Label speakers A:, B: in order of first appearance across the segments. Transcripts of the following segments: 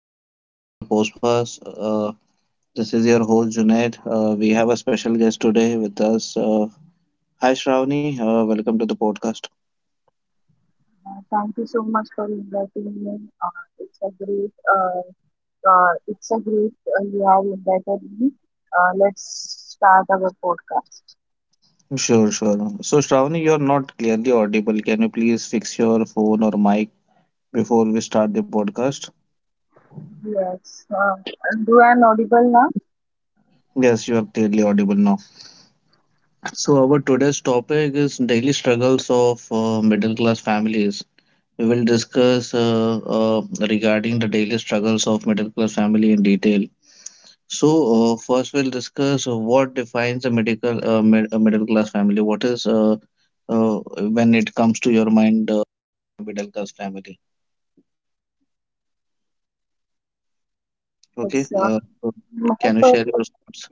A: Welcome to our podcast. Uh, this is your host Junaid. We have a special guest today with us. Hi Shravani, welcome to the podcast. Sure, sure. So Shravani, you're not clearly audible. Can you please fix your phone or mic before we start the podcast? Yes, you are clearly audible now. So our today's topic is daily struggles of middle class families. We will discuss regarding the daily struggles of middle class family in detail. So, First we'll discuss what defines a medical mid a middle class family. What is uh, when it comes to your mind, middle class family? Okay, so can you share your thoughts?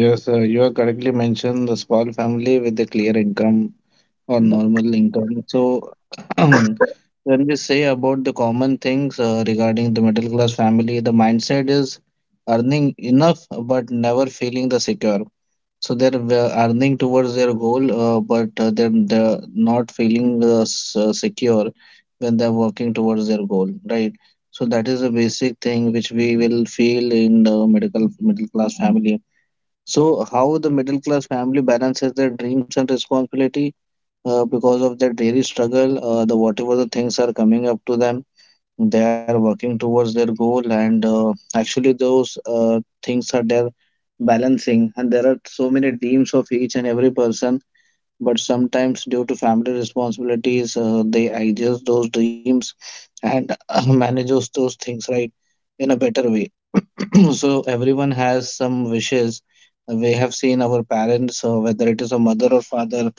A: Yes, you are correctly mentioned the small family with a clear income or normal income. So, when we say about the common things regarding the middle class family, the mindset is earning enough but never feeling the secure. So they're earning towards their goal, but they're not feeling secure when they're working towards their goal, right? So that is a basic thing which we will feel in the medical middle class family. So how the middle class family balances their dreams and responsibility because of their daily struggle, the whatever the things are coming up to them, they are working towards their goal, and actually those things are there balancing, and there are so many dreams of each and every person, but sometimes due to family responsibilities they adjust those dreams and manage those those things, right, in a better way. So everyone has some wishes. We have seen our parents, whether it is a mother or father,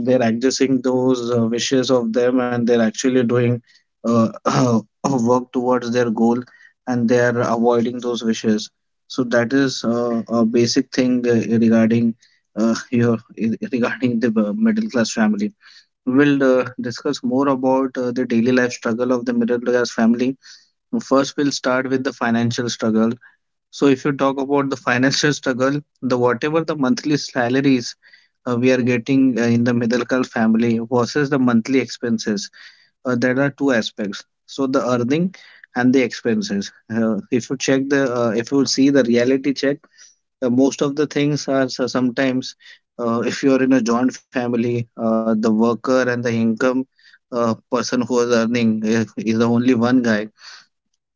A: they're accessing those wishes of them, and they're actually doing uh, work towards their goal, and they're avoiding those wishes. So that is a basic thing regarding your regarding the middle class family. We'll discuss more about the daily life struggle of the middle class family. First we'll start with the financial struggle. So if you talk about the financial struggle, the whatever the monthly salaries we are getting in the middle class family versus the monthly expenses, there are two aspects. So the earning and the expenses. If you check the, if you see the reality check, most of the things are so sometimes. If you are in a joint family, the worker and the income person who is earning is the only one guy,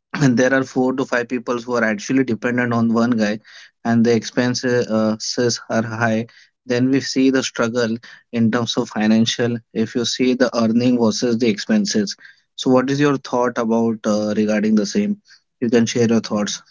A: and there are four to five people who are actually dependent on one guy, and the expenses says are high, then we see the struggle in terms of financial. If you see the earning versus the expenses, so what is your thought about regarding the same? You can share your thoughts.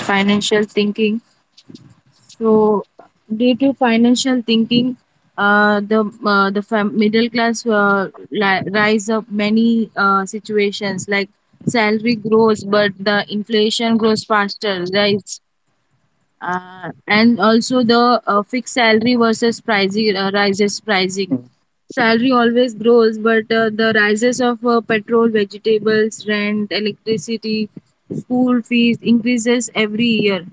B: Financial thinking. So, due to financial thinking, the middle class rise up many situations like salary grows, but the inflation grows faster, right? And also the fixed salary versus pricing rises pricing salary always grows but the rises of petrol, vegetables, rent, electricity, school fees increases every year.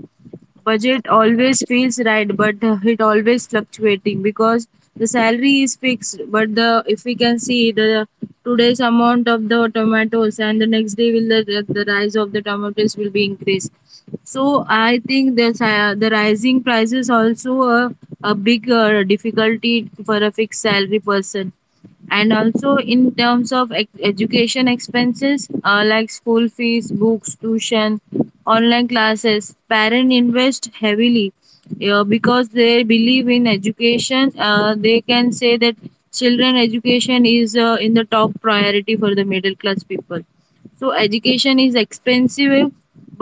B: Budget always feels right but it always fluctuating because the salary is fixed, but the if we can see the today's amount of the tomatoes and the next day will the rise of the tomatoes will be increased. So I think the rising prices also a big difficulty for a fixed salary person. And also in terms of education expenses, like school fees, books, tuition, online classes, parents invest heavily because they believe in education. They can say that children education is in the top priority for the middle class people. So education is expensive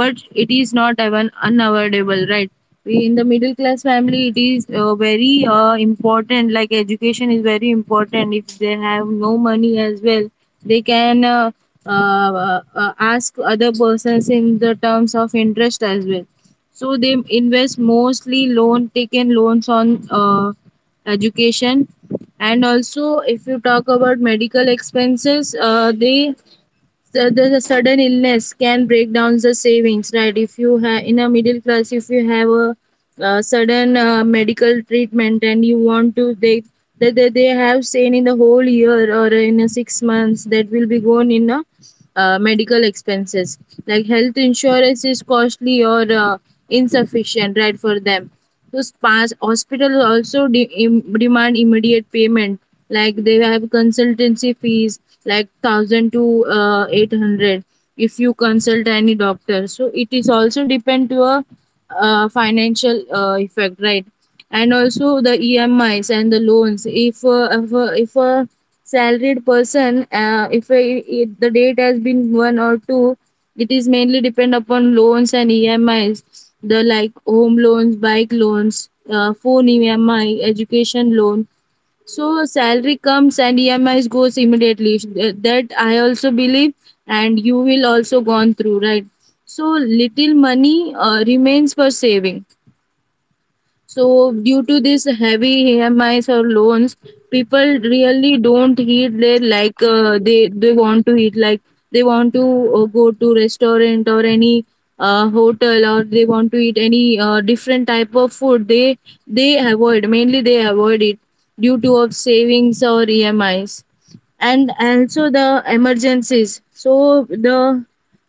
B: but it is not even unavoidable, right? We in the middle class family, it is very important. Like education is very important. If they have no money as well, they can ask other persons in the terms of interest as well. So they invest mostly loan, taken loans on education. And also if you talk about medical expenses, they the sudden illness can break down the savings, right? If you have in a middle class, if you have a sudden medical treatment and you want to, they that they have seen in the whole year or in a 6 months, that will be gone in a medical expenses. Like health insurance is costly or insufficient, right, for them. So spas, hospitals also demand immediate payment. Like they have consultancy fees like 1,000 to 800 if you consult any doctor. So it is also depend to a financial effect, right. And also the EMIs and the loans. If if a salaried person, if it, the date has been one or two, it is mainly depend upon loans and EMIs. The like home loans, bike loans, phone EMI, education loan. So salary comes and EMIs goes immediately. That I also believe, and you will also gone through, right? So little money remains for saving. So, due to this heavy EMIs or loans, people really don't eat there. Like they want to eat. Like they want to go to restaurant or any hotel, or they want to eat any different type of food. They avoid, mainly they avoid it due to of savings or EMIs. And also the emergencies. So the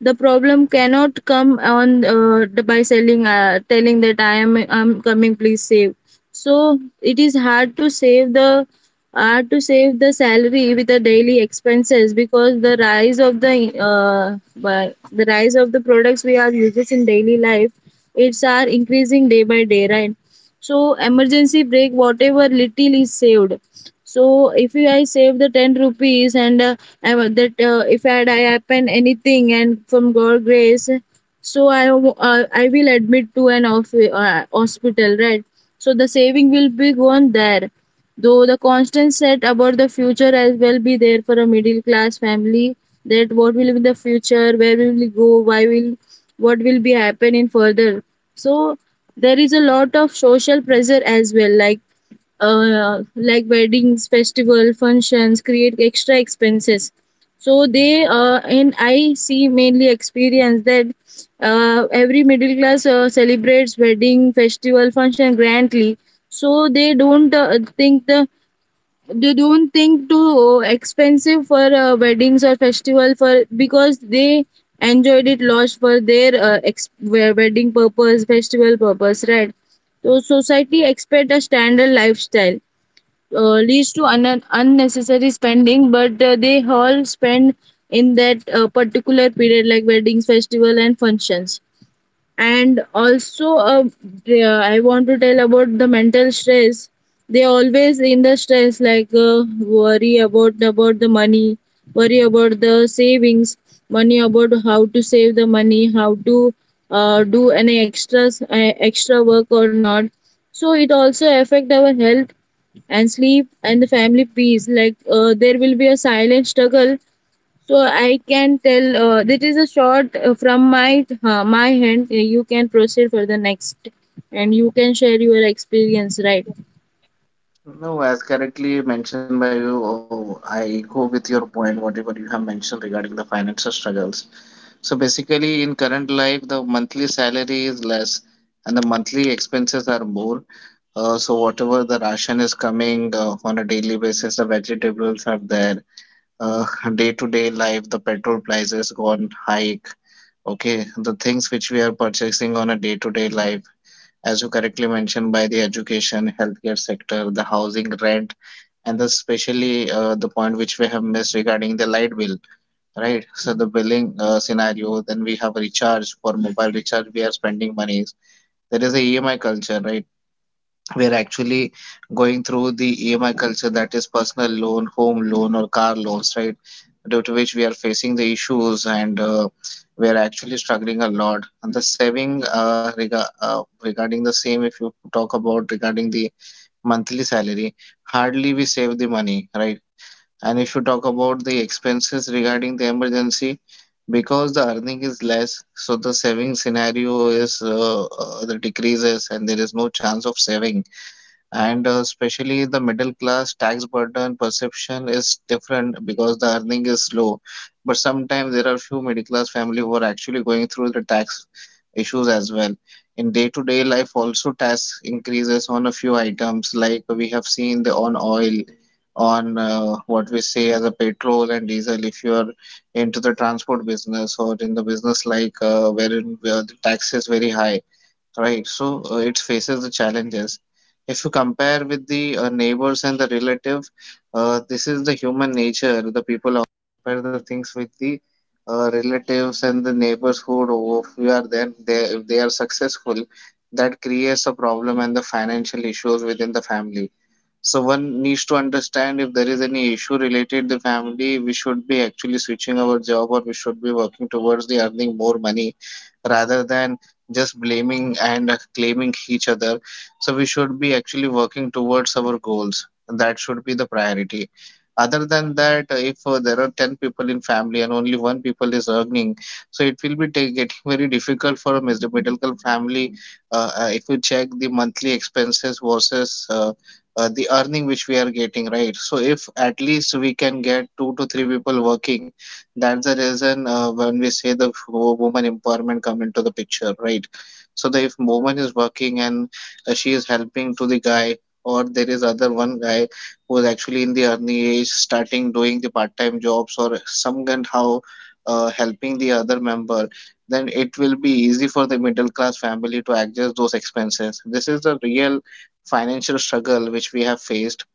B: the problem cannot come on, by selling telling that I'm coming, please save. So it is hard to save the salary with the daily expenses, because the rise of the, the rise of the products we are uses in daily life, it's are increasing day by day, right? So emergency break whatever little is saved. So if I save the 10 rupees and I, that if I happen anything and from god grace, so I will admit to an hospital, right? So the saving will be gone there. Though the constant set about the future as well be there for a middle class family, that what will be the future, where will we go, why will, what will be happening further. So there is a lot of social pressure as well, like weddings, festival, functions create extra expenses. So they and I see mainly experience that every middle class celebrates wedding, festival, function grandly. So they don't, think too expensive for weddings or festival for, because they enjoyed it lost for their wedding purpose, festival purpose, right? So society expect a standard lifestyle, leads to unnecessary spending, but they all spend in that particular period like weddings, festival and functions. And also I want to tell about the mental stress. They always in the stress, like worry about the money, worry about the savings money, about how to save the money, how to do any extras, extra work or not. So it also affect our health and sleep and the family peace. Like there will be a silent struggle. So I can tell that is a short from my hand. You can proceed for the next, and you can share your experience, right?
A: No, as correctly mentioned by you, oh, I go with your point, whatever you have mentioned regarding the financial struggles. So basically, in current life, the monthly salary is less and the monthly expenses are more. So whatever the ration is coming on a daily basis, the vegetables are there. Uh, Day-to-day life, the petrol prices go on hike. Okay, the things which we are purchasing on a day-to-day life, as you correctly mentioned, by the education, healthcare sector, the housing rent, and the especially the point which we have missed regarding the light bill, right? So the billing scenario, then we have recharge for mobile recharge, we are spending monies. There is a EMI culture, right? We are actually going through the EMI culture, that is personal loan, home loan, or car loans, right? Due to which we are facing the issues, and we are actually struggling a lot. And the saving regarding the same, if you talk about regarding the monthly salary, hardly we save the money, right? And if you talk about the expenses regarding the emergency, because the earning is less, so the saving scenario is the decreases and there is no chance of saving, and especially the middle class tax burden perception is different because the earning is low, but sometimes there are few middle class family who are actually going through the tax issues as well. In day to day life also tax increases on a few items, like we have seen the on oil, on what we say as a petrol and diesel. If you are into the transport business or in the business like wherein where the tax is very high, right? So it faces the challenges. If you compare with the neighbors and the relative, this is the human nature. The people always compare the things with the relatives and the neighborhood who are there. They, if they are successful, that creates a problem and the financial issues within the family. So one needs to understand, if there is any issue related the family, we should be actually switching our job or we should be working towards the earning more money, rather than just blaming and claiming each other. So we should be actually working towards our goals, and that should be the priority. Other than that, if there are 10 people in family and only one people is earning, so it will be getting very difficult for a middle class family. If you check the monthly expenses versus the earning which we are getting, right? So if at least we can get two to three people working, that's the reason when we say the woman empowerment come into the picture, right? So the if woman is working and she is helping to the guy, or there is other one guy who is actually in the early age, starting doing the part-time jobs or some kind how helping the other member, then it will be easy for the middle class family to access those expenses. This is the real financial struggle which we have faced.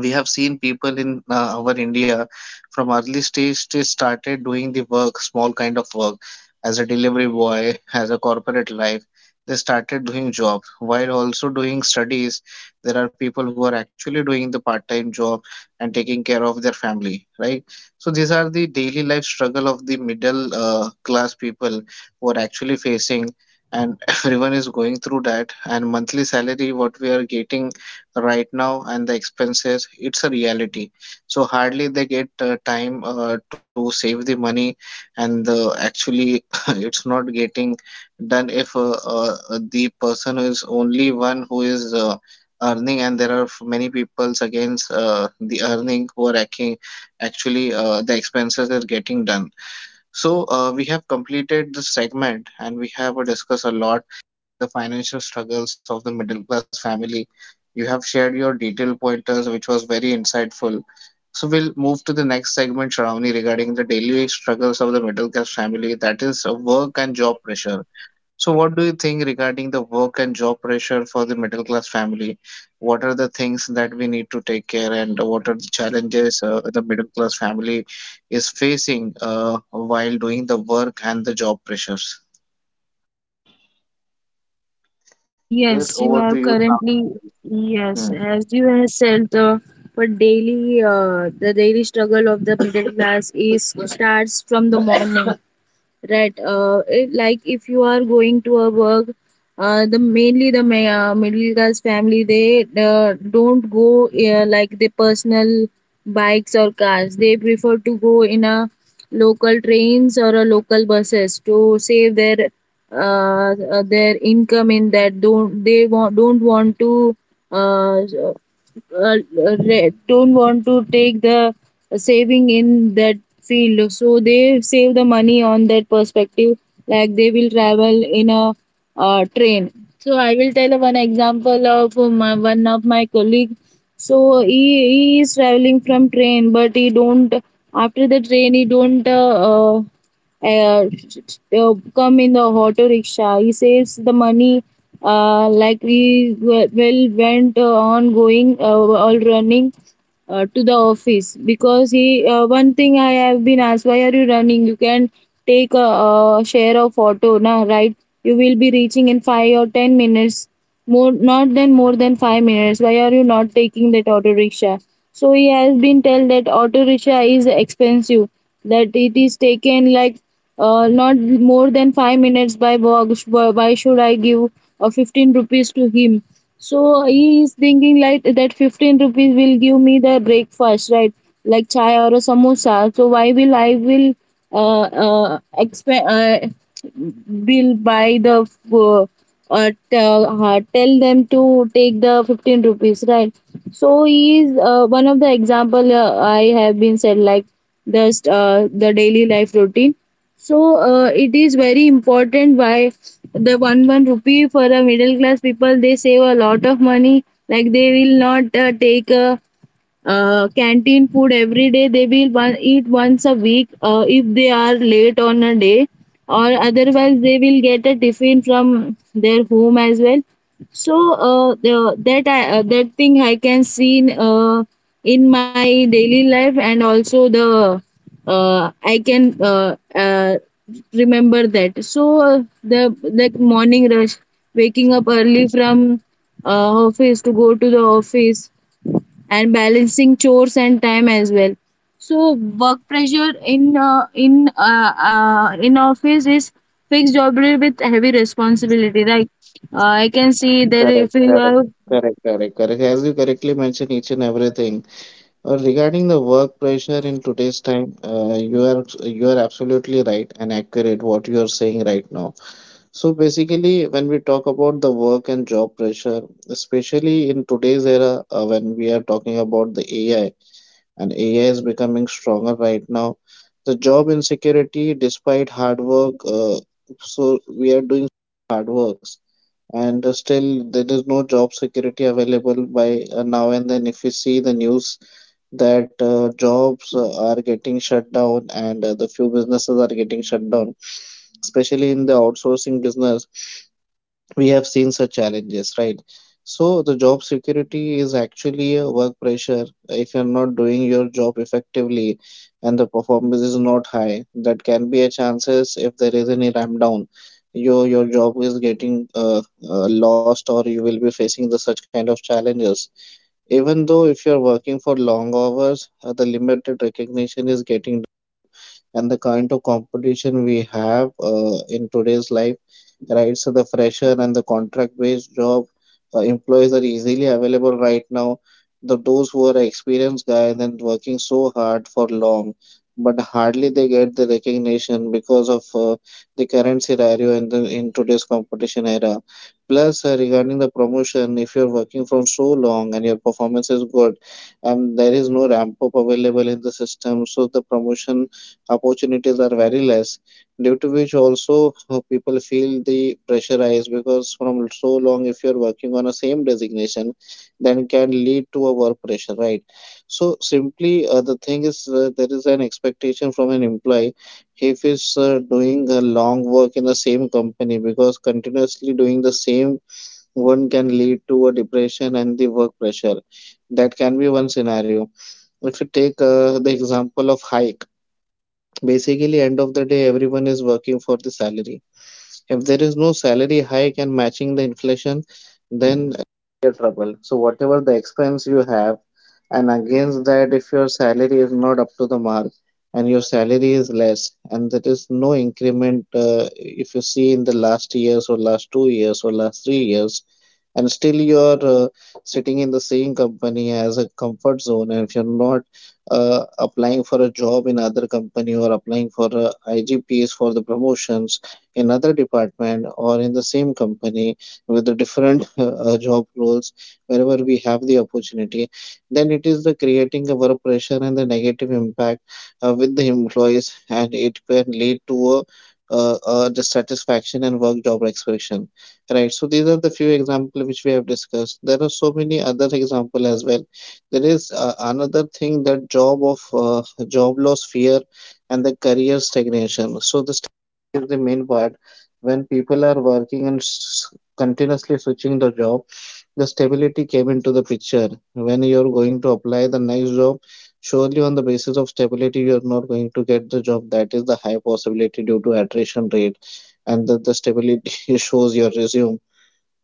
A: We have seen people in our India, from early stage they started doing the work, small kind of work, as a delivery boy, as a corporate life. They started doing job while also doing studies. There are people who are actually doing the part-time job and taking care of their family, right? So these are the daily life struggle of the middle class people who are actually facing, and everyone is going through that. And monthly salary, what we are getting right now, and the expenses, it's a reality. So hardly they get time to save the money, and actually it's not getting done if the person is only one who is earning, and there are many peoples against the earning who are acting actually the expenses is getting done. So we have completed the segment, and we have discussed a lot the financial struggles of the middle class family. You have shared your detailed pointers, which was very insightful. So we'll move to the next segment, Shravani, regarding the daily struggles of the middle class family, that is work and job pressure. So what do you think regarding the work and job pressure for the middle class family? What are the things that we need to take care, and what are the challenges the middle class family is facing while doing the work and the job pressures? Yes,
B: Yes,
A: over
B: you
A: to you.
B: have currently,
A: Shravani.
B: yes, as you have said, the For daily, the daily struggle of the middle class is starts from the morning. Right. Like if you are going to a work, the mainly the ma- middle class family, they don't go like the personal bikes or cars. They prefer to go in a local trains or a local buses to save their, uh, their income in that. Uh, uh, don't want to take the saving in that field. So they save the money on that perspective, like they will travel in a train. So I will tell one example of one of my colleague. So he is traveling from train, but he don't after the train he don't uh, come in the auto rickshaw. He saves the money, like well, went on going all running to the office. Because he one thing I have been asked, why are you running? You can take a share of auto, na, right? You will be reaching in 5 or 10 minutes, more not than more than 5 minutes, why are you not taking that auto rickshaw? So he has been told that auto rickshaw is expensive, that it is taken like not more than 5 minutes by walk. Why should I give 15 rupees to him? So he is thinking like that 15 rupees will give me the breakfast, right? Like chai or a samosa. So why will I will uh, uh, exp- uh, will buy the uh, tell them to take the 15 rupees, right? So he is one of the example I have been said, like, just the daily life routine. So it is very important why the one rupee for the middle class people, they save a lot of money. Like they will not take a canteen food every day. They will eat once a week if they are late on a day, or otherwise they will get a tiffin from their home as well. So that thing I can see in my daily life. And also the, I can remember that. So the, like morning rush, waking up early from office to go to the office, and balancing chores and time as well. So work pressure in office is fixed job role with heavy responsibility, right? I can see that
A: Correct,
B: if you
A: correct,
B: have,
A: correct, correct, correct. As you correctly mentioned, each and everything regarding the work pressure in today's time, you are absolutely right and accurate what you are saying right now. So basically, when we talk about the work and job pressure, especially in today's era, when we are talking about the AI, and AI is becoming stronger right now. The job insecurity, despite hard work, so we are doing hard work, and still there is no job security available by now and then. If you see the news that jobs are getting shut down and the few businesses are getting shut down, especially in the outsourcing business, we have seen such challenges, right? So the job security is actually a work pressure. If you're not doing your job effectively and the performance is not high, that can be a chances if there is any ramp down. Your job is getting lost, or you will be facing the such kind of challenges. Even though if you're working for long hours, the limited recognition is getting, and the kind of competition we have in today's life, right? So the fresher and the contract-based job employees are easily available right now. The those who are experienced guys and working so hard for long, but hardly they get the recognition because of the current scenario in the in today's competition era. Plus, regarding the promotion, if you're working from so long and your performance is good, and there is no ramp up available in the system, so the promotion opportunities are very less, due to which also people feel the pressurized, because from so long if you're working on a same designation, then can lead to a work pressure, right? So simply, the thing is, there is an expectation from an employee if he's doing a long work in the same company, because continuously doing the same one can lead to a depression and the work pressure. That can be one scenario. If you take the example of hike. Basically, end of the day, everyone is working for the salary. If there is no salary hike and matching the inflation, then you're trouble. So whatever the expense you have, and against that, if your salary is not up to the mark and your salary is less, and there is no increment, if you see in the last years or last 2 years or last 3 years, and still you're sitting in the same company as a comfort zone, and if you're not applying for a job in other company or applying for I G P's for the promotions in other department or in the same company with the different job roles wherever we have the opportunity, then it is the creating a work pressure and the negative impact with the employees, and it can lead to a dissatisfaction and work job expression. Right, so these are the few examples which we have discussed. There are so many other examples as well. There is another thing, that job of job loss fear and the career stagnation. So the stagnation is the main part. When people are working and continuously switching the job, the stability came into the picture. When you're going to apply the next job, surely on the basis of stability, you're not going to get the job. That is the high possibility due to attrition rate, and that the stability shows your resume.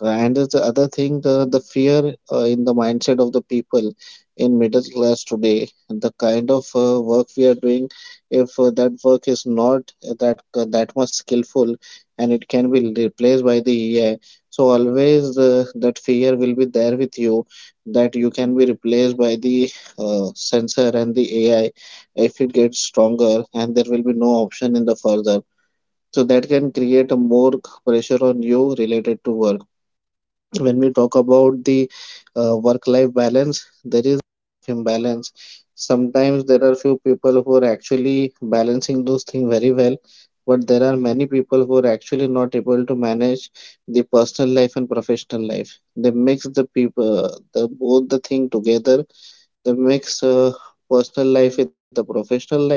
A: And the other thing, the fear in the mindset of the people in middle class today, the kind of work we are doing, if that work is not that that much skillful and it can be replaced by the AI, so always that fear will be there with you, that you can be replaced by the sensor and the AI. If it gets stronger, and there will be no option in the further. So that can create a more pressure on you related to work. When we talk about the work life balance, there is imbalance. Sometimes there are few people who are actually balancing those things very well, but there are many people who are actually not able to manage the personal life and professional life. They mix the people, the both the thing together. They mix personal life with the professional life,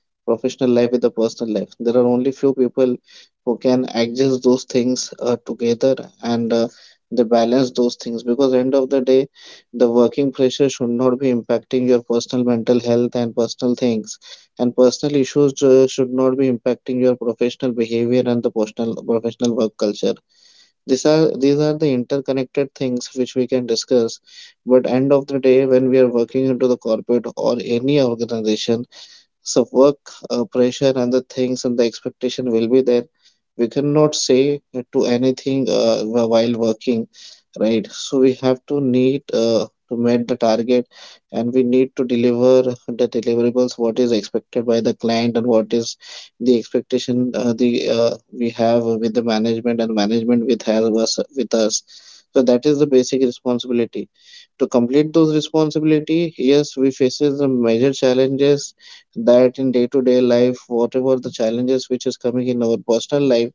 A: professional life with the personal life. There are only few people who can adjust those things together and they balance those things, because end of the day, the working pressure should not be impacting your personal mental health and personal things, and personal issues should not be impacting your professional behavior and the personal professional work culture. These are the interconnected things which we can discuss, but end of the day, when we are working into the corporate or any organization, so work pressure and the things and the expectation will be there. We cannot say to anything while working, right? So we have to need to meet the target, and we need to deliver the deliverables what is expected by the client, and what is the expectation, the we have with the management, and management with has us with us. So that is the basic responsibility. To complete those responsibility, yes, we faces the major challenges, that in day to day life, whatever the challenges which is coming in our personal life,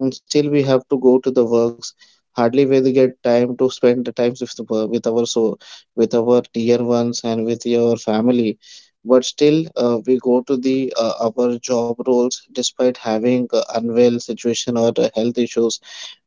A: and still we have to go to the works. Hardly we get time to spend the times with the, with our, so with our dear ones and with your family, but still we go to the our job roles despite having unwell situation or health issues,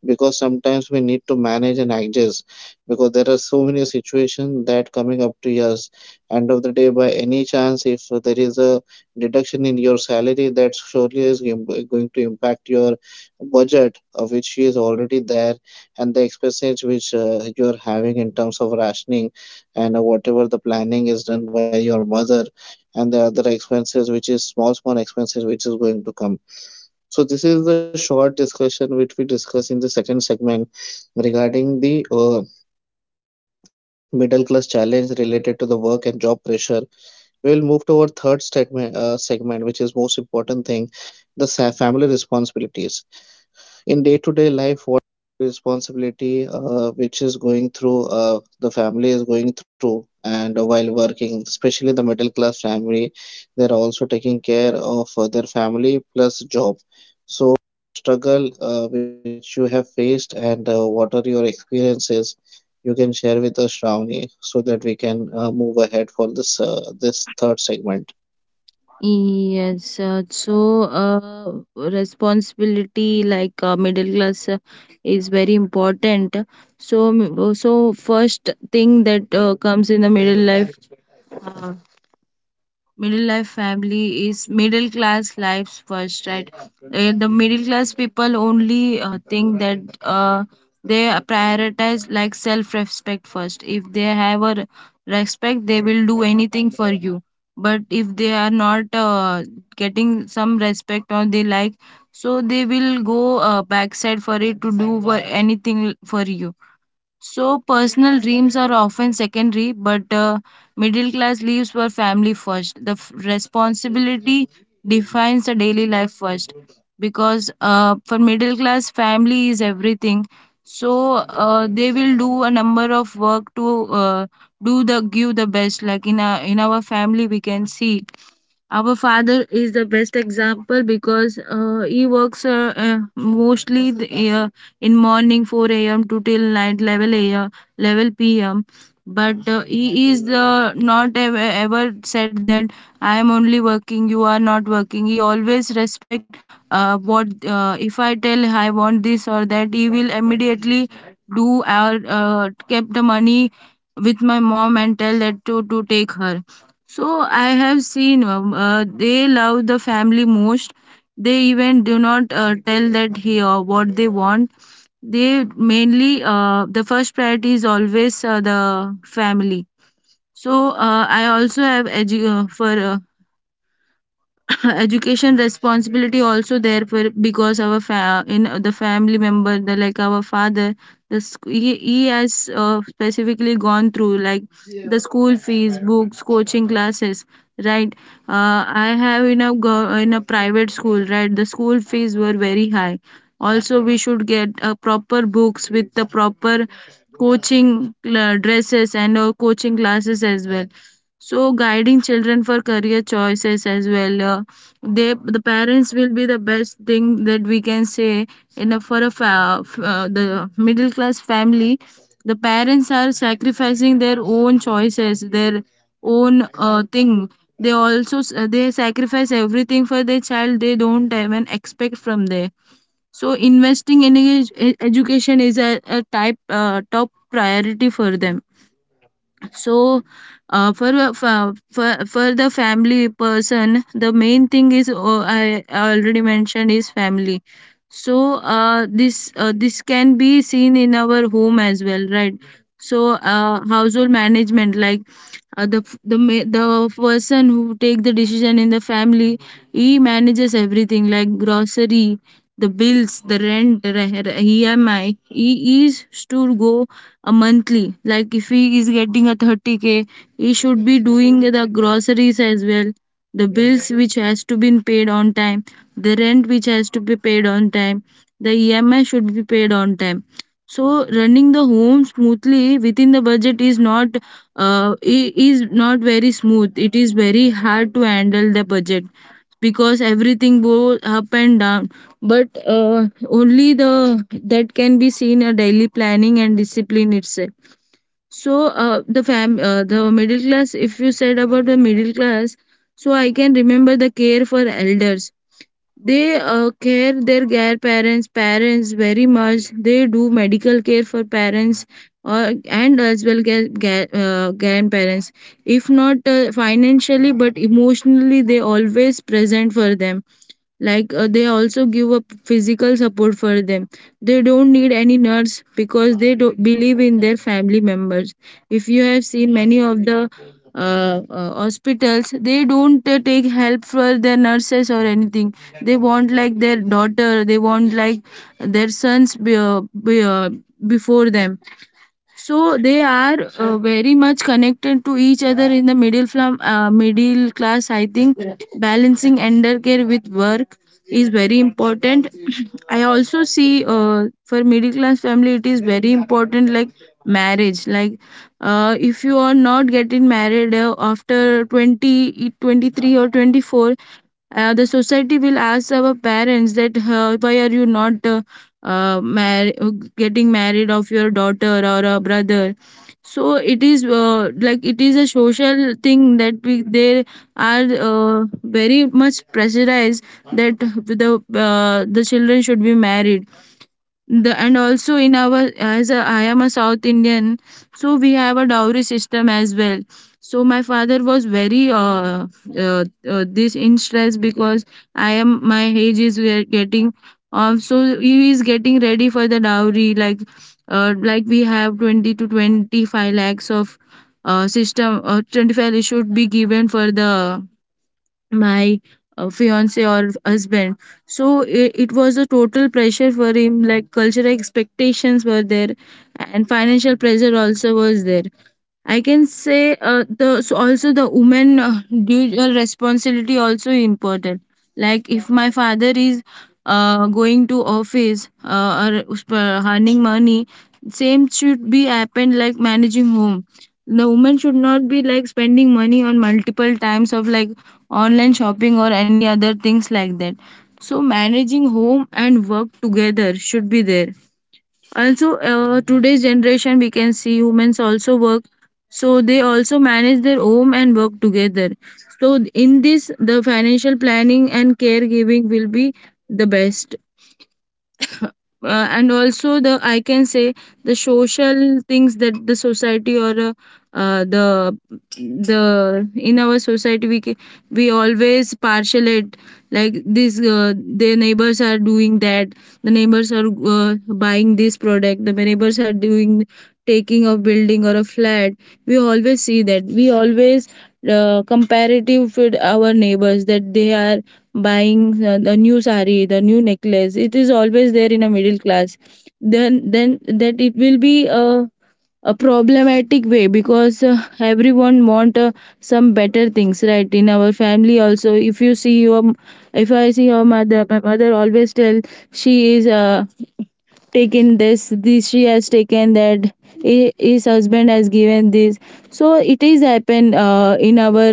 A: because sometimes we need to manage and adjust, because there are so many situations that coming up to us. End of the day, by any chance, if there is a deduction in your salary, that surely is going to impact your budget which is already there, and the expenses which you are having in terms of rationing, and whatever the planning is done by your mother, and the other expenses which is small small expenses which is going to come. So this is the short discussion which we discuss in the second segment, regarding the middle class challenge related to the work and job pressure. We will move to our third statement segment, which is most important thing, family responsibilities. In day-to-day life, what responsibility which is going through, the family is going through, and while working, especially the middle class family, they're also taking care of their family plus job. So struggle which you have faced, and what are your experiences, you can share with us Shravani, so that we can move ahead for this, this third segment.
B: yes, so responsibility like middle class is very important. So, so first thing that comes in the middle life. Uh, Middle life family is middle class lives first, right? The middle class people only think that uh, they prioritize like self respect first. If they have a respect, they will do anything for you, but if they are not getting some respect or they like, so they will go backside for it to do for anything for you. So, personal dreams are often secondary, but middle class lives for family first. The responsibility defines the daily life first, because for middle class, family is everything. So, they will do a number of work to do the give the best. Like in our family, we can see our father is the best example, because he works mostly in morning 4 a.m. to till night level a.m. level p.m. But he is the not ever, ever said that I am only working, you are not working. He always respect what if I tell I want this or that, he will immediately do or kept the money with my mom and tell that to take her. So I have seen they love the family most. They even do not tell that he what they want. They mainly, the first priority is always the family. I also have edu- for education responsibility also there for because in the family member the like our father he has specifically gone through like the school fees, books, coaching classes, right. I have in a in a private school, right? The school fees were very high. Also we should get proper books with the proper coaching, dresses and coaching classes as well. So guiding children for career choices as well. They, the parents will be the best thing that we can say in a, for a fa- f- the middle class family, the parents are sacrificing their own choices, their own thing. They they sacrifice everything for their child. They don't even expect from there. So investing in education is a type top priority for them. So uh, for, a- for for for the family person, the main thing is, oh, I already mentioned, is family. So this can be seen in our home as well, right? So household management, like the person who take the decision in the family, he manages everything, like grocery, the bills, the rent, emi, he is to go a monthly. Like if he is getting a 30k, he should be doing the groceries as well, the bills which has to be paid on time, the rent which has to be paid on time, the emi should be paid on time. So running the home smoothly within the budget is not I- is not very smooth. It is very hard to handle the budget because everything goes up and down. But only the that can be seen, a daily planning and discipline itself. So the middle class, if you said about the middle class, so I can remember the care for elders. They uh, care their care parents, parents very much. They do medical care for parents or and as well as grandparents. If not financially, but emotionally they always present for them. Like they also give a physical support for them. They don't need any nurse because they do believe in their family members. If you have seen many of the hospitals, they don't take help for their nurses or anything. They want like their daughter, they want like their sons before them. So they are very much connected to each other in the middle class, I think. Balancing elder care with work is very important. I also see for middle class family it is very important, like marriage. Like if you are not getting married after 2023 or 24, the society will ask our parents that why are you not uh, mar- getting married of your daughter or a brother. So it is like it is a social thing that we they are very much pressurized that the children should be married. The and also in our, as a, I am a South Indian, so we have a dowry system as well. So my father was very uh, this in stress because I am, my age is we getting off, so he is getting ready for the dowry. Like like we have 20 to 25 lakhs of system, 25 should be given for the my fiance or husband. So it was a total pressure for him. Like cultural expectations were there and financial pressure also was there. I can say the, so also the woman dual responsibility also important. Like if my father is going to office or earning money, same should be happened, like managing home. The woman should not be like spending money on multiple times of like online shopping or any other things like that. So managing home and work together should be there. Also, today's generation we can see humans also work, so they also manage their home and work together. So in this, the financial planning and caregiving will be the best. And also the, I can say the social things, that the society or uh, the the in our society we always partialate, like this, their neighbors are doing that, the neighbors are buying this product, the neighbors are doing, taking a building or a flat. We always see that, we always comparative with our neighbors that they are buying the new sari, the new necklace. It is always there in a middle class. Then that it will be a problematic way because everyone want some better things, right? In our family also, if you see your, if I see your mother, my mother always tell she is taken this, she has taken that, his husband has given this. So it is happen in our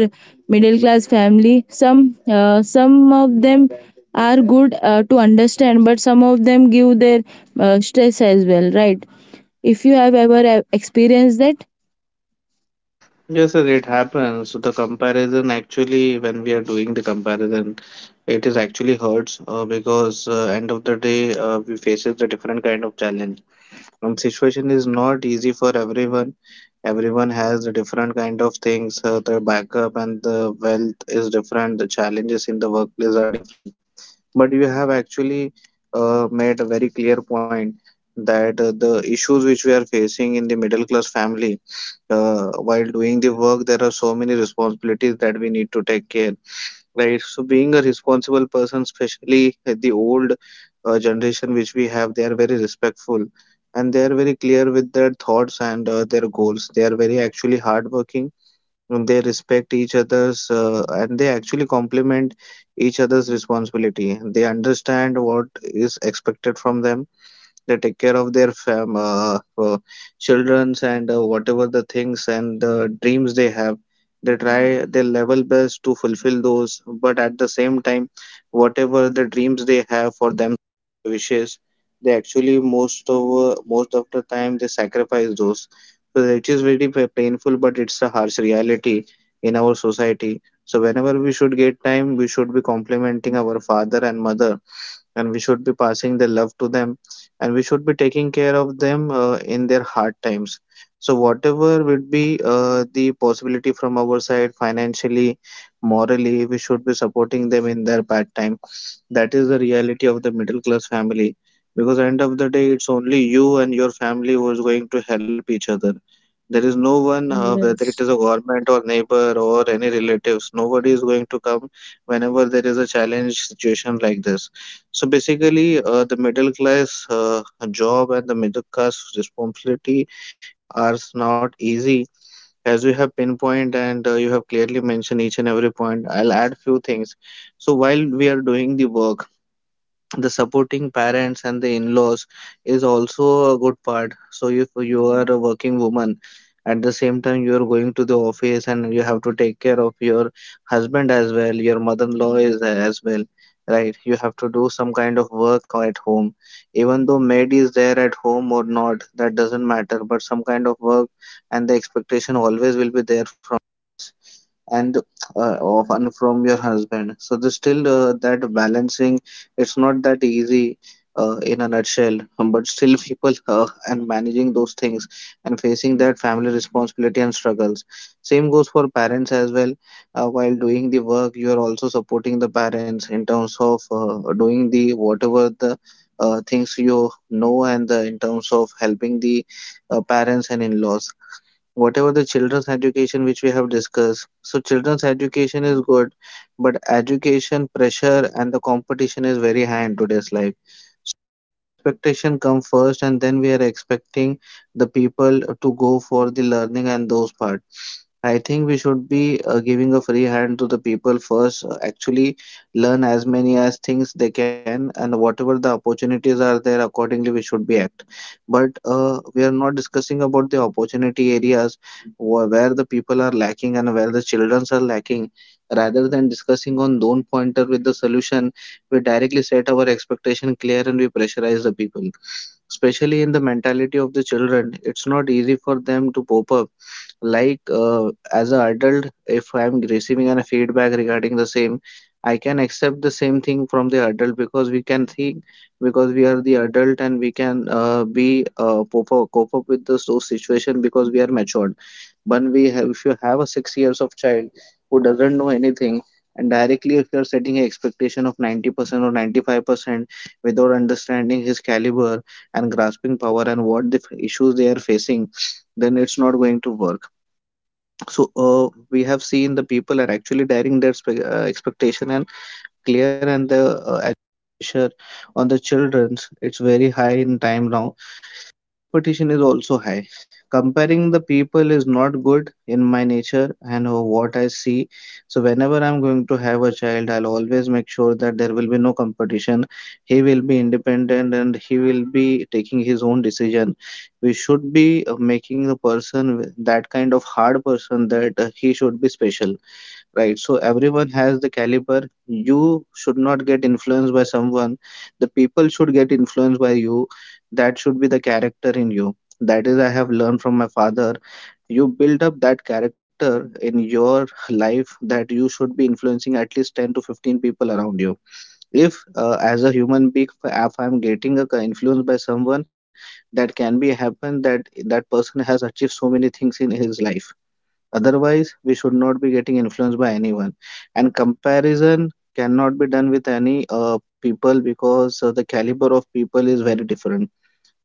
B: middle class family. Some some of them are good to understand, but some of them give their stress as well, right? If you have ever experienced that.
A: Yes, sir, it happens. So the comparison actually, when we are doing the comparison, it is actually hurts, because end of the day we faces a different kind of challenge. Situation is not easy for everyone. Everyone has a different kind of things. Their backup and the wealth is different. The challenges in the workplace are different. But you have actually made a very clear point, that the issues which we are facing in the middle class family, while doing the work, there are so many responsibilities that we need to take care. Right. So being a responsible person, especially at the old generation which we have, they are very respectful, and they are very clear with their thoughts and their goals. They are very actually hardworking, and they respect each other's and they actually complement each other's responsibility. They understand what is expected from them. They take care of their fam childrens, and whatever the things and dreams they have, they try their level best to fulfill those, but at the same time, whatever the dreams they have for them, wishes, they actually most of the time they sacrifice those. So it is very painful, but it's a harsh reality in our society. So whenever we should get time, we should be complimenting our father and mother, and we should be passing the love to them, and we should be taking care of them in their hard times. So whatever would be the possibility from our side, financially, morally, we should be supporting them in their bad time. That is the reality of the middle class family, because end of the day, it's only you and your family who is going to help each other. There is no one, whether it is
B: Yes.
A: a government or neighbor or any relatives, nobody is going to come whenever there is a challenge situation like this. So basically, the middle class job and the middle class responsibility are not easy. As we have pinpoint, and you have clearly mentioned each and every point, I'll add few things. So while we are doing the work, the supporting parents and the in-laws is also a good part. So if you are a working woman, at the same time you are going to the office, and you have to take care of your husband as well, your mother-in-law is as well, right? You have to do some kind of work at home, even though maid is there at home or not, that doesn't matter, but some kind of work and the expectation always will be there from, and often from your husband. So there's still that balancing. It's not that easy in a nutshell, but still people and managing those things and facing that family responsibility and struggles. Same goes for parents as well. While doing the work, you are also supporting the parents in terms of doing the whatever the things and in terms of helping the parents and in-laws, whatever the children's education which we have discussed. So children's education is good, but education pressure and the competition is very high in today's life. Expectation come first and then we are expecting the people to go for the learning and those part. I think we should be giving a free hand to the people first, actually learn as many as things they can, and whatever the opportunities are there, accordingly we should be act. But we are not discussing about the opportunity areas where the people are lacking and where the children are lacking. Rather than discussing on lone pointer with the solution, we directly set our expectation clear and we pressurize the people, especially in the mentality of the children. It's not easy for them to pop up. Like as an adult, if I'm receiving a feedback regarding the same, I can accept the same thing from the adult because we can think, because we are the adult and we can cope up with the those situation because we are matured. But we have if you have a 6 years of child who doesn't know anything, and directly if you're setting an expectation of 90% or 95% without understanding his caliber and grasping power and what the issues they are facing, then it's not going to work. So we have seen the people are actually daring their expectation and clear and the pressure on the childrens. It's very high in time now. Competition is also high. Comparing the people is not good in my nature and what I see. So whenever I'm going to have a child, I'll always make sure that there will be no competition. He will be independent and he will be taking his own decision. We should be making the person that kind of hard person that he should be special, right? So everyone has the caliber. You should not get influenced by someone. The people should get influenced by you. That should be the character in you. That is, I have learned from my father. You build up that character in your life that you should be influencing at least 10 to 15 people around you. If, as a human being, if I'm getting a influence by someone, that can be happen that person has achieved so many things in his life. Otherwise, we should not be getting influenced by anyone. And comparison cannot be done with any people, because the caliber of people is very different.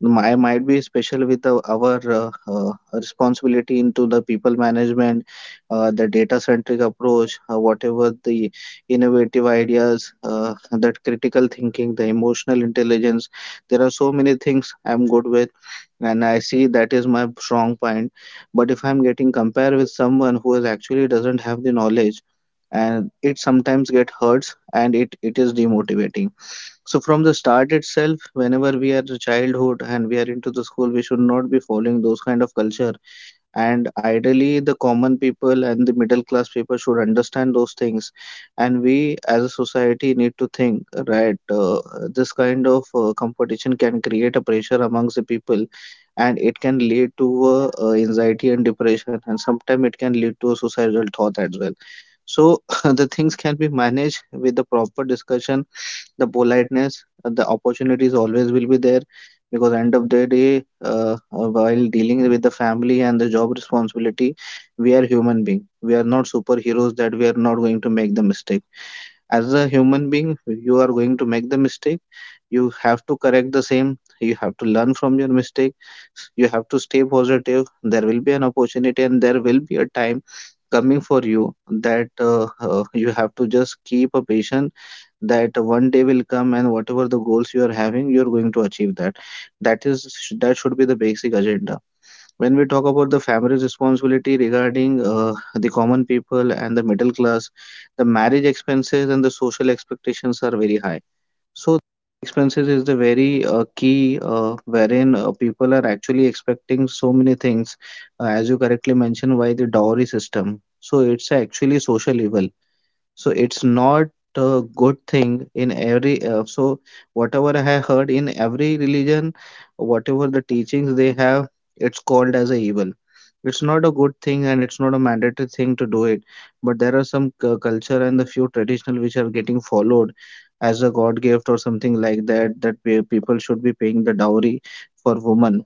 A: I might be special with our responsibility into the people management, the data centric approach, whatever the innovative ideas, that critical thinking, the emotional intelligence. There are so many things I'm good with, and I see that is my strong point. But if I'm getting compared with someone who is actually doesn't have the knowledge, and it sometimes get hurts and it is demotivating. So from the start itself, whenever we are childhood and we are into the school, we should not be following those kind of culture. And ideally, the common people and the middle class people should understand those things. And we, as a society, need to think, right? This kind of competition can create a pressure amongst the people, and it can lead to anxiety and depression, and sometimes it can lead to a suicidal thought as well. So the things can be managed with the proper discussion, the politeness. The opportunities always will be there, because end of the day, while dealing with the family and the job responsibility, we are human being. We are not superheroes that we are not going to make the mistake. As a human being, you are going to make the mistake. You have to correct the same. You have to learn from your mistake. You have to stay positive. There will be an opportunity and there will be a time coming for you that you have to just keep a patient, that one day will come, and whatever the goals you are having, you're going to achieve that. That is, that should be the basic agenda when we talk about the family's responsibility regarding the common people and the middle class. The marriage expenses and the social expectations are very high. So expenses is the very key, wherein people are actually expecting so many things. As you correctly mentioned, why the dowry system? So it's actually social evil. So it's not a good thing in every so whatever I have heard in every religion, whatever the teachings they have, it's called as a evil. It's not a good thing and it's not a mandatory thing to do it. But there are some culture and the few traditional which are getting followed as a God gift or something like that, that people should be paying the dowry for woman.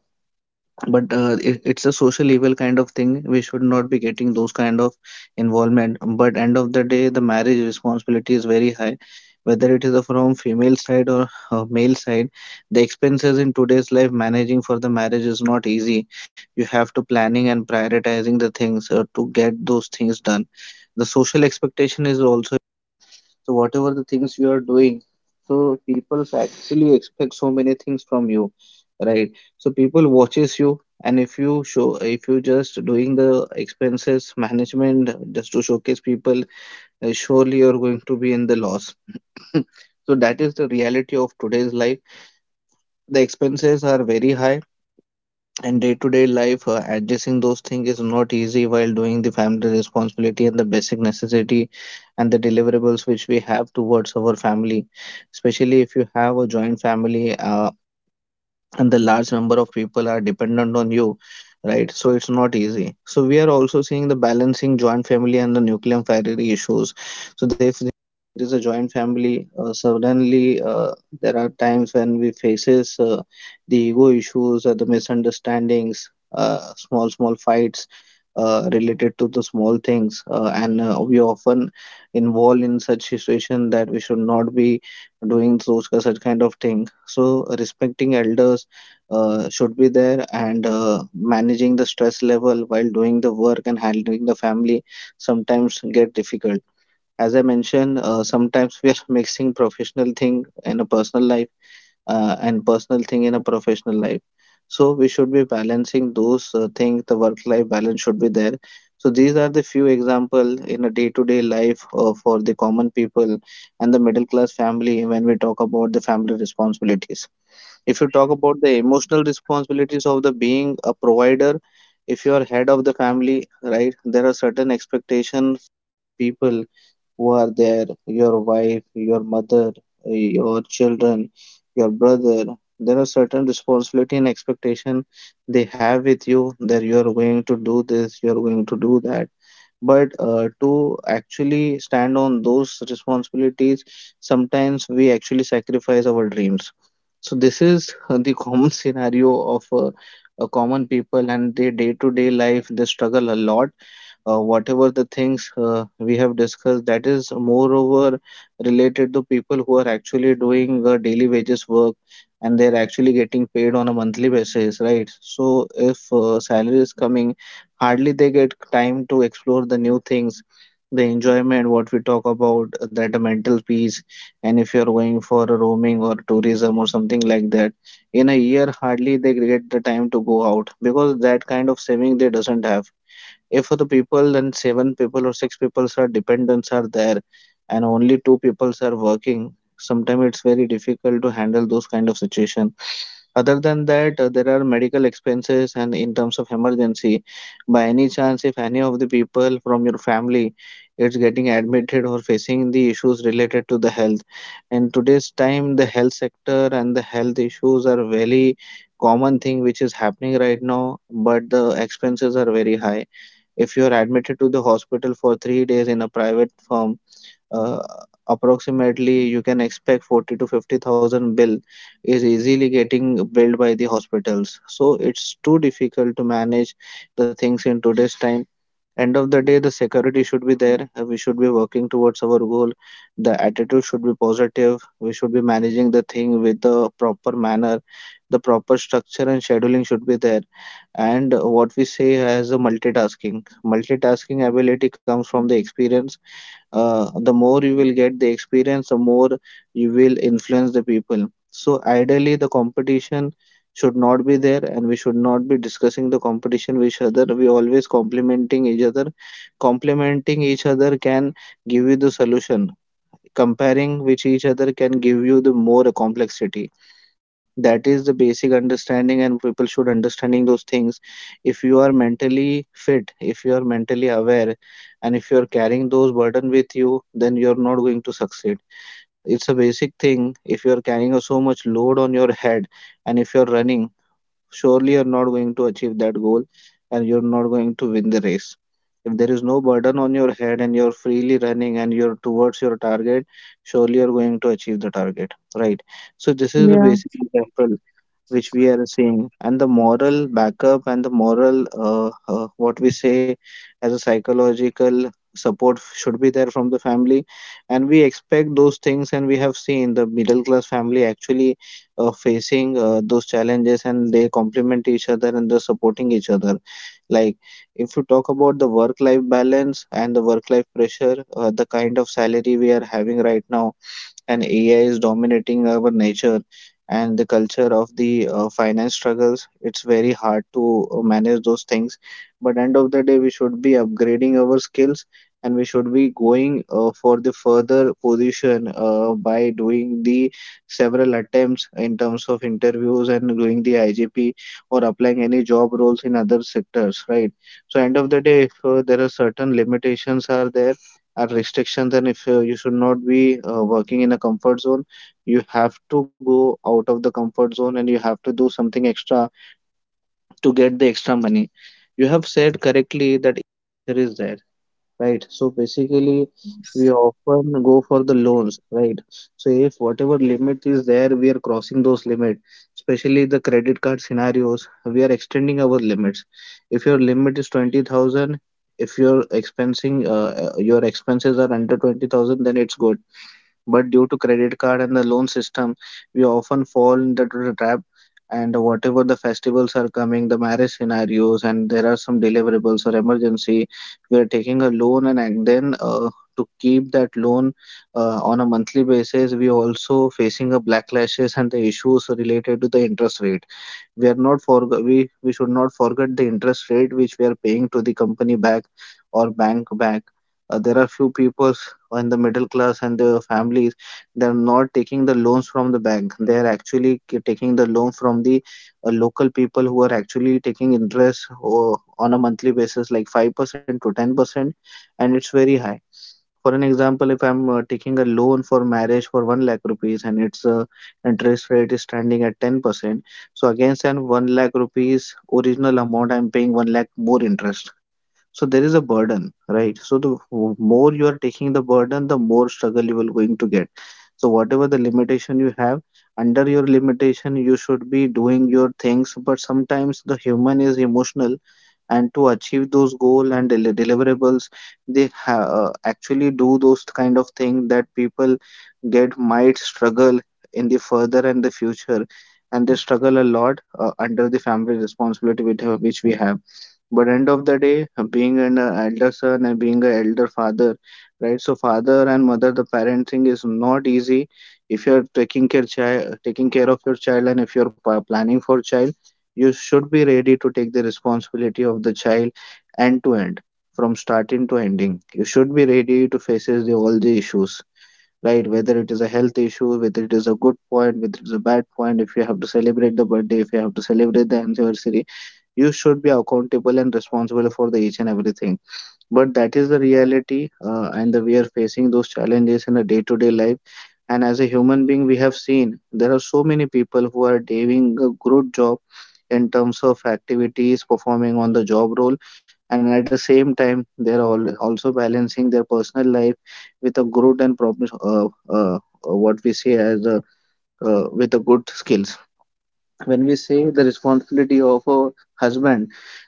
A: But it's a social evil kind of thing. We should not be getting those kind of involvement. But end of the day, the marriage responsibility is very high, whether it is a from female side or male side. The expenses in today's life managing for the marriage is not easy. You have to planning and prioritizing the things to get those things done. The social expectation is also, so whatever the things you are doing, so people actually expect so many things from you, right? So people watches you, and if you show, if you just doing the expenses management just to showcase people, surely you're going to be in the loss. So that is the reality of today's life. The expenses are very high, and day to day life, addressing those things is not easy while doing the family responsibility and the basic necessity and the deliverables which we have towards our family. Especially if you have a joint family, and the large number of people are dependent on you, right? So it's not easy. So we are also seeing the balancing joint family and the nuclear family issues. So if there is a joint family, suddenly there are times when we faces the ego issues or the misunderstandings, small small fights related to the small things, and we often involved in such situation that we should not be doing those such kind of thing. So respecting elders should be there, and managing the stress level while doing the work and handling the family sometimes get difficult. As I mentioned, sometimes we are mixing professional thing in a personal life, and personal thing in a professional life. So we should be balancing those things. The work life balance should be there. So these are the few example in a day to day life, for the common people and the middle class family, when we talk about the family responsibilities. If you talk about the emotional responsibilities of the being a provider, if you are head of the family, right? There are certain expectations. People who are there, your wife, your mother, your children, your brother, there are certain responsibility and expectation they have with you, that you are going to do this, you are going to do that. But to actually stand on those responsibilities, sometimes we actually sacrifice our dreams. So this is the common scenario of a common people and their day-to-day life. They struggle a lot. Whatever the things we have discussed, that is moreover related to people who are actually doing daily wages work and they're actually getting paid on a monthly basis, right? So if salary is coming, hardly they get time to explore the new things, the enjoyment what we talk about, that the mental peace. And if you're going for a roaming or tourism or something like that, in a year hardly they get the time to go out, because that kind of saving they doesn't have. If the people and seven people or six people are dependents are there, and only 2 people are working, sometimes it's very difficult to handle those kind of situation. Other than that, there are medical expenses, and in terms of emergency, by any chance if any of the people from your family is getting admitted or facing the issues related to the health, in today's time the health sector and the health issues are very common thing which is happening right now, but the expenses are very high. If you are admitted to the hospital for 3 days in a private firm, uh, approximately you can expect 40 to 50 thousand bill is easily getting billed by the hospitals. So it's too difficult to manage the things in today's time. End of the day, the security should be there. We should be working towards our goal. The attitude should be positive. We should be managing the thing with the proper manner. The proper structure and scheduling should be there. And what we say as a multitasking ability comes from the experience. The more you will get the experience, the more you will influence the people. So ideally, the competition should not be there, and we should not be discussing the competition with each other. We always complimenting each other. Complimenting each other can give you the solution. Comparing with each other can give you the more complexity. That is the basic understanding, and people should understanding those things. If you are mentally fit, if you are mentally aware, and if you are carrying those burden with you, then you are not going to succeed. It's a basic thing. If you are carrying a so much load on your head, and if you are running, surely you're not going to achieve that goal, and you're not going to win the race. If there is no burden on your head, and you're freely running and you're towards your target, surely you're going to achieve the target, right? So this is the
B: Yeah.
A: basic example which we are seeing. And the moral backup and the moral what we say as a psychological support should be there from the family. And we expect those things, and we have seen the middle class family actually facing those challenges, and they complement each other and they're supporting each other. Like, if you talk about the work life balance and the work life pressure, the kind of salary we are having right now, and AI is dominating our nature and the culture of the finance struggles, it's very hard to manage those things. But end of the day, we should be upgrading our skills, and we should be going for the further position by doing the several attempts in terms of interviews and doing the IGP or applying any job roles in other sectors, right? So end of the day, if there are certain limitations are there, are restrictions, and if you should not be working in a comfort zone, you have to go out of the comfort zone and you have to do something extra to get the extra money. You have said correctly that there is there, right? So basically, we often go for the loans, right? So if whatever limit is there, we are crossing those limit, especially the credit card scenarios, we are extending our limits. If your limit is 20,000, if your expensing, your expenses are under 20,000, then it's good. But due to credit card and the loan system, we often fall into the trap. And whatever the festivals are coming, the marriage scenarios, and there are some deliverables or emergency, we are taking a loan, and ac- then to keep that loan on a monthly basis, we also facing a blacklashes and the issues related to the interest rate. We are not for we we should not forget the interest rate which we are paying to the company back or bank back. There are few people in the middle class and the families, they are not taking the loans from the bank. They are actually taking the loan from the local people who are actually taking interest on a monthly basis like 5% to 10%, and it's very high. For an example, if I'm taking a loan for marriage for 1 lakh rupees, and its interest rate is standing at 10%, so against an 1 lakh rupees original amount, I'm paying 1 lakh more interest. So there is a burden, right? So the more you are taking the burden, the more struggle you will going to get. So whatever the limitation you have, under your limitation you should be doing your things. But sometimes the human is emotional, and to achieve those goal and deliverables, they actually do those kind of thing that people get might struggle in the further and the future. And they struggle a lot under the family responsibility with, which we have. But end of the day, being an elder son and being an elder father, right? So father and mother, the parenting is not easy. If you're taking care child, taking care of your child, and if you're planning for child, you should be ready to take the responsibility of the child, end to end. From starting to ending, you should be ready to faces the, all the issues, right? Whether it is a health issue, whether it is a good point, whether it is a bad point, if you have to celebrate the birthday, if you have to celebrate the anniversary, you should be accountable and responsible for the each and everything. But that is the reality, and the, we are facing those challenges in a day to day life. And as a human being, we have seen there are so many people who are doing a good job in terms of activities performing on the job role, and at the same time they are all also balancing their personal life with a good and proper what we say as a with a good skills. When we say the responsibility of a husband,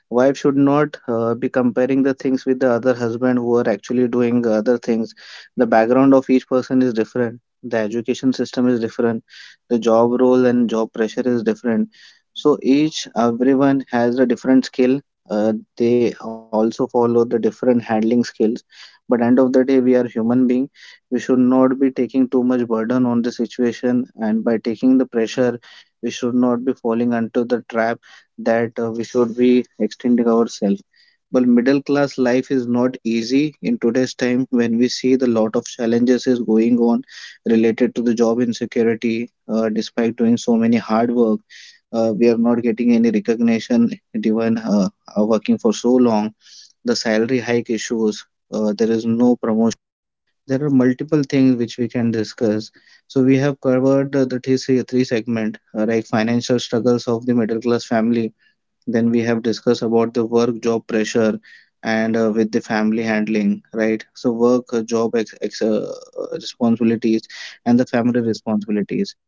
A: wife should not be comparing the things with the other husband who are actually doing other things. The background of each person is different, the education system is different, the job role and job pressure is different. So each everyone has a different skill. They also follow the different handling skills. But end of the day, we are human being. We should not be taking too much burden on the situation, and by taking the pressure, we should not be falling into the trap, that we should be extending ourselves. But middle class life is not easy in today's time, when we see the lot of challenges is going on related to the job insecurity. Despite doing so many hard work, we are not getting any recognition even working for so long. The salary hike issues, there is no promotion. There are multiple things which we can discuss. So we have covered three segment, like financial struggles of the middle class family. Then we have discussed about the work job pressure and with the family handling, right? So work, responsibilities and the family responsibilities.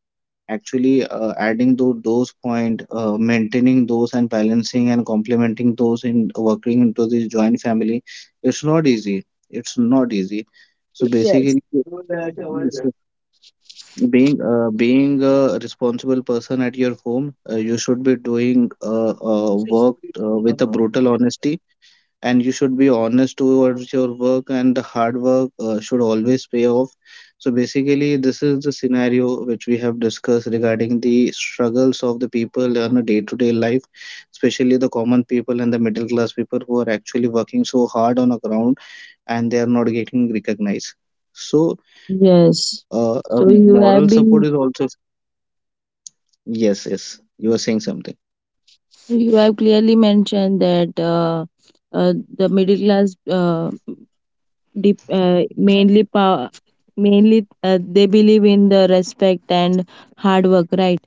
A: Actually, adding to those point, maintaining those and balancing and complementing those in working into this joint family, it's not easy. It's not easy. So
B: Yes.
A: basically, yes, sir. Being being a responsible person at your home, you should be doing work with a brutal honesty, and you should be honest towards your work, and the hard work should always pay off. So basically, this is the scenario which we have discussed regarding the struggles of the people on a day-to-day life, especially the common people and the middle class people who are actually working so hard on a ground, and they are not getting recognized. So,
B: Yes.
A: moral
B: So you
A: support is
B: have
A: also
B: been,
A: yes, yes. You are saying something
B: you have clearly mentioned that uh, the middle class dep- uh, mainly power mainly they believe in the respect and hard work, right?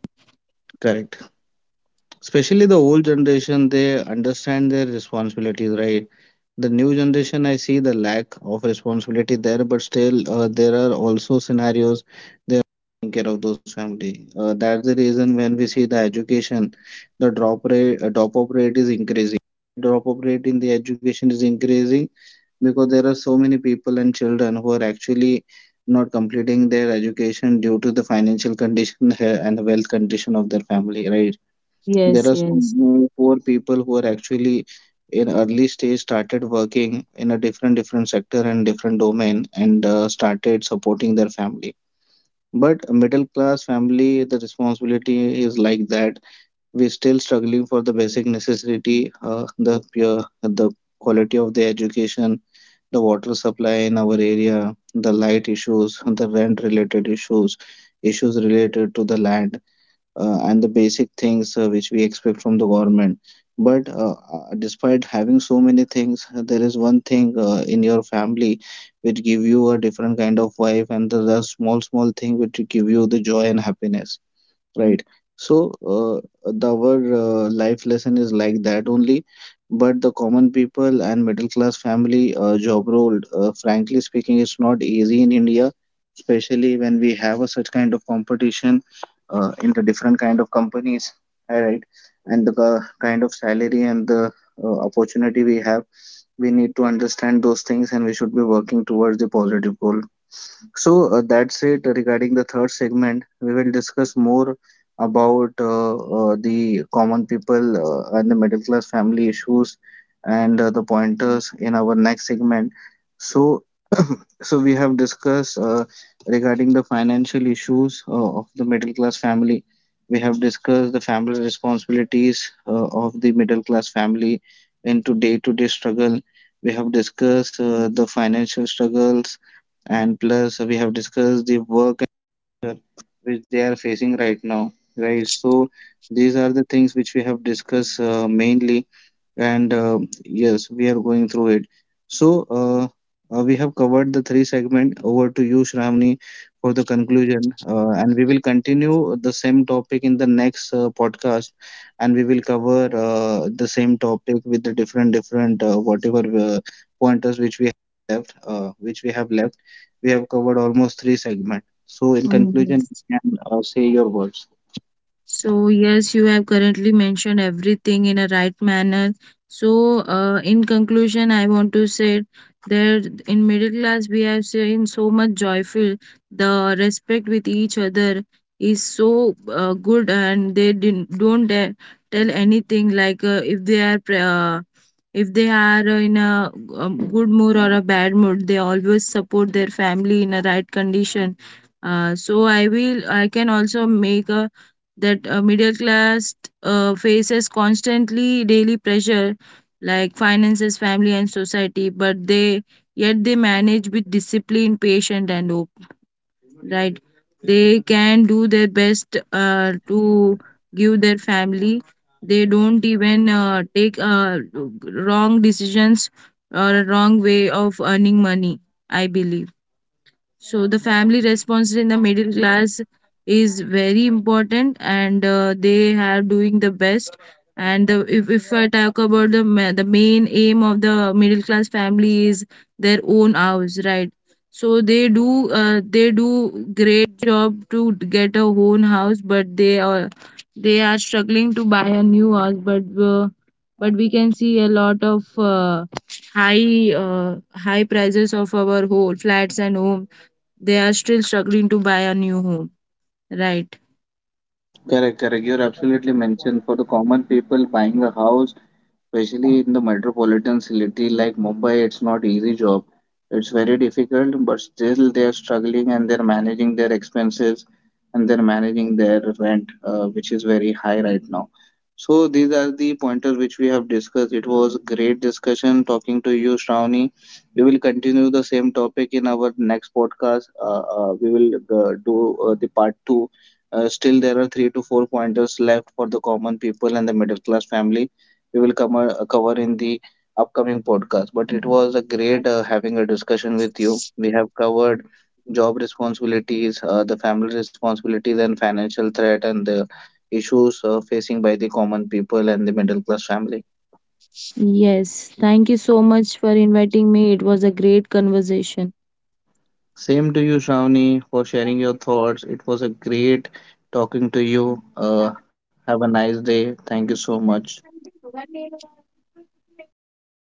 A: correct. Especially the old generation, they understand their responsibilities, right? The new generation, I see the lack of responsibility there, but still, there are also scenarios taking care of those family. That's the reason when we see the education, the drop rate, drop-out rate is increasing. Drop-out rate in the education is increasing because there are so many people and children who are actually not completing their education due to the financial condition and the wealth condition of their family, right?
B: Yes,
A: There are
B: yes.
A: some poor people who are actually in early stage started working in a different different sector and different domain, and started supporting their family. But a middle class family, the responsibility is like that. We're still struggling for the basic necessity, the pure, the quality of the education, the water supply in our area, the light issues, the rent related issues, issues related to the land, and the basic things which we expect from the government. But despite having so many things, there is one thing in your family which give you a different kind of vibe, and the small small thing which give you the joy and happiness. Right. So, the our life lesson is like that only. But the common people and middle class family job role, frankly speaking, it's not easy in India, especially when we have a such kind of competition in the different kind of companies, all right? And the kind of salary and the opportunity we have, we need to understand those things, and we should be working towards the positive goal. So that's it regarding the third segment. We will discuss more about the common people and the middle class family issues and the pointers in our next segment. So, so we have discussed regarding the financial issues of the middle class family. We have discussed the family responsibilities of the middle class family into day-to-day struggle. We have discussed the financial struggles, and plus we have discussed the work which they are facing right now, right? So these are the things which we have discussed mainly, and yes, we are going through it. So we have covered the three segment. Over to you, Shravani, for the conclusion, and we will continue the same topic in the next podcast, and we will cover the same topic with the different different whatever pointers which we have left, We have covered almost three segment. So in
B: Mm,
A: conclusion,
B: yes.
A: you can say your words.
B: So, yes, you have currently mentioned everything in a right manner. So, in conclusion, I want to say that in middle class, we have seen so much joyful. The respect with each other is so good, and they didn't, don't tell anything like if they are in a good mood or a bad mood, they always support their family in a right condition. So I will, I can also make a, that middle class faces constantly daily pressure, like finances, family and society, but they yet they manage with discipline, patient and hope, right? They can do their best to give their family. They don't even take wrong decisions or a wrong way of earning money, I believe. So the family response in the middle class is very important, and they are doing the best. And if I talk about the main aim of the middle class family is their own house, right? So they do, they do great job to get a own house, but they are, they are struggling to buy a new house. But we can see a lot of high prices of our whole flats and homes. They are still struggling to buy a new home, right?
A: Correct, correct. You're absolutely mentioned for the common people buying a house, especially in the metropolitan city like Mumbai. It's not easy job. It's very difficult, but still they are struggling and they're managing their expenses and they're managing their rent, which is very high right now. So these are the pointers which we have discussed. It was a great discussion talking to you, Shravani. We will continue the same topic in our next podcast. We will do the part 2. Still, there are 3 to 4 pointers left for the common people and the middle class family. We will cover in the upcoming podcast. But it was a great having a discussion with you. We have covered job responsibilities, the family responsibilities, and financial threat, and the issues facing by the common people and the middle class family.
B: Yes, thank you so much for inviting me. It was a great conversation.
A: Same to you, Shravani, for sharing your thoughts. It was a great talking to you. Have a nice day. Thank you so much.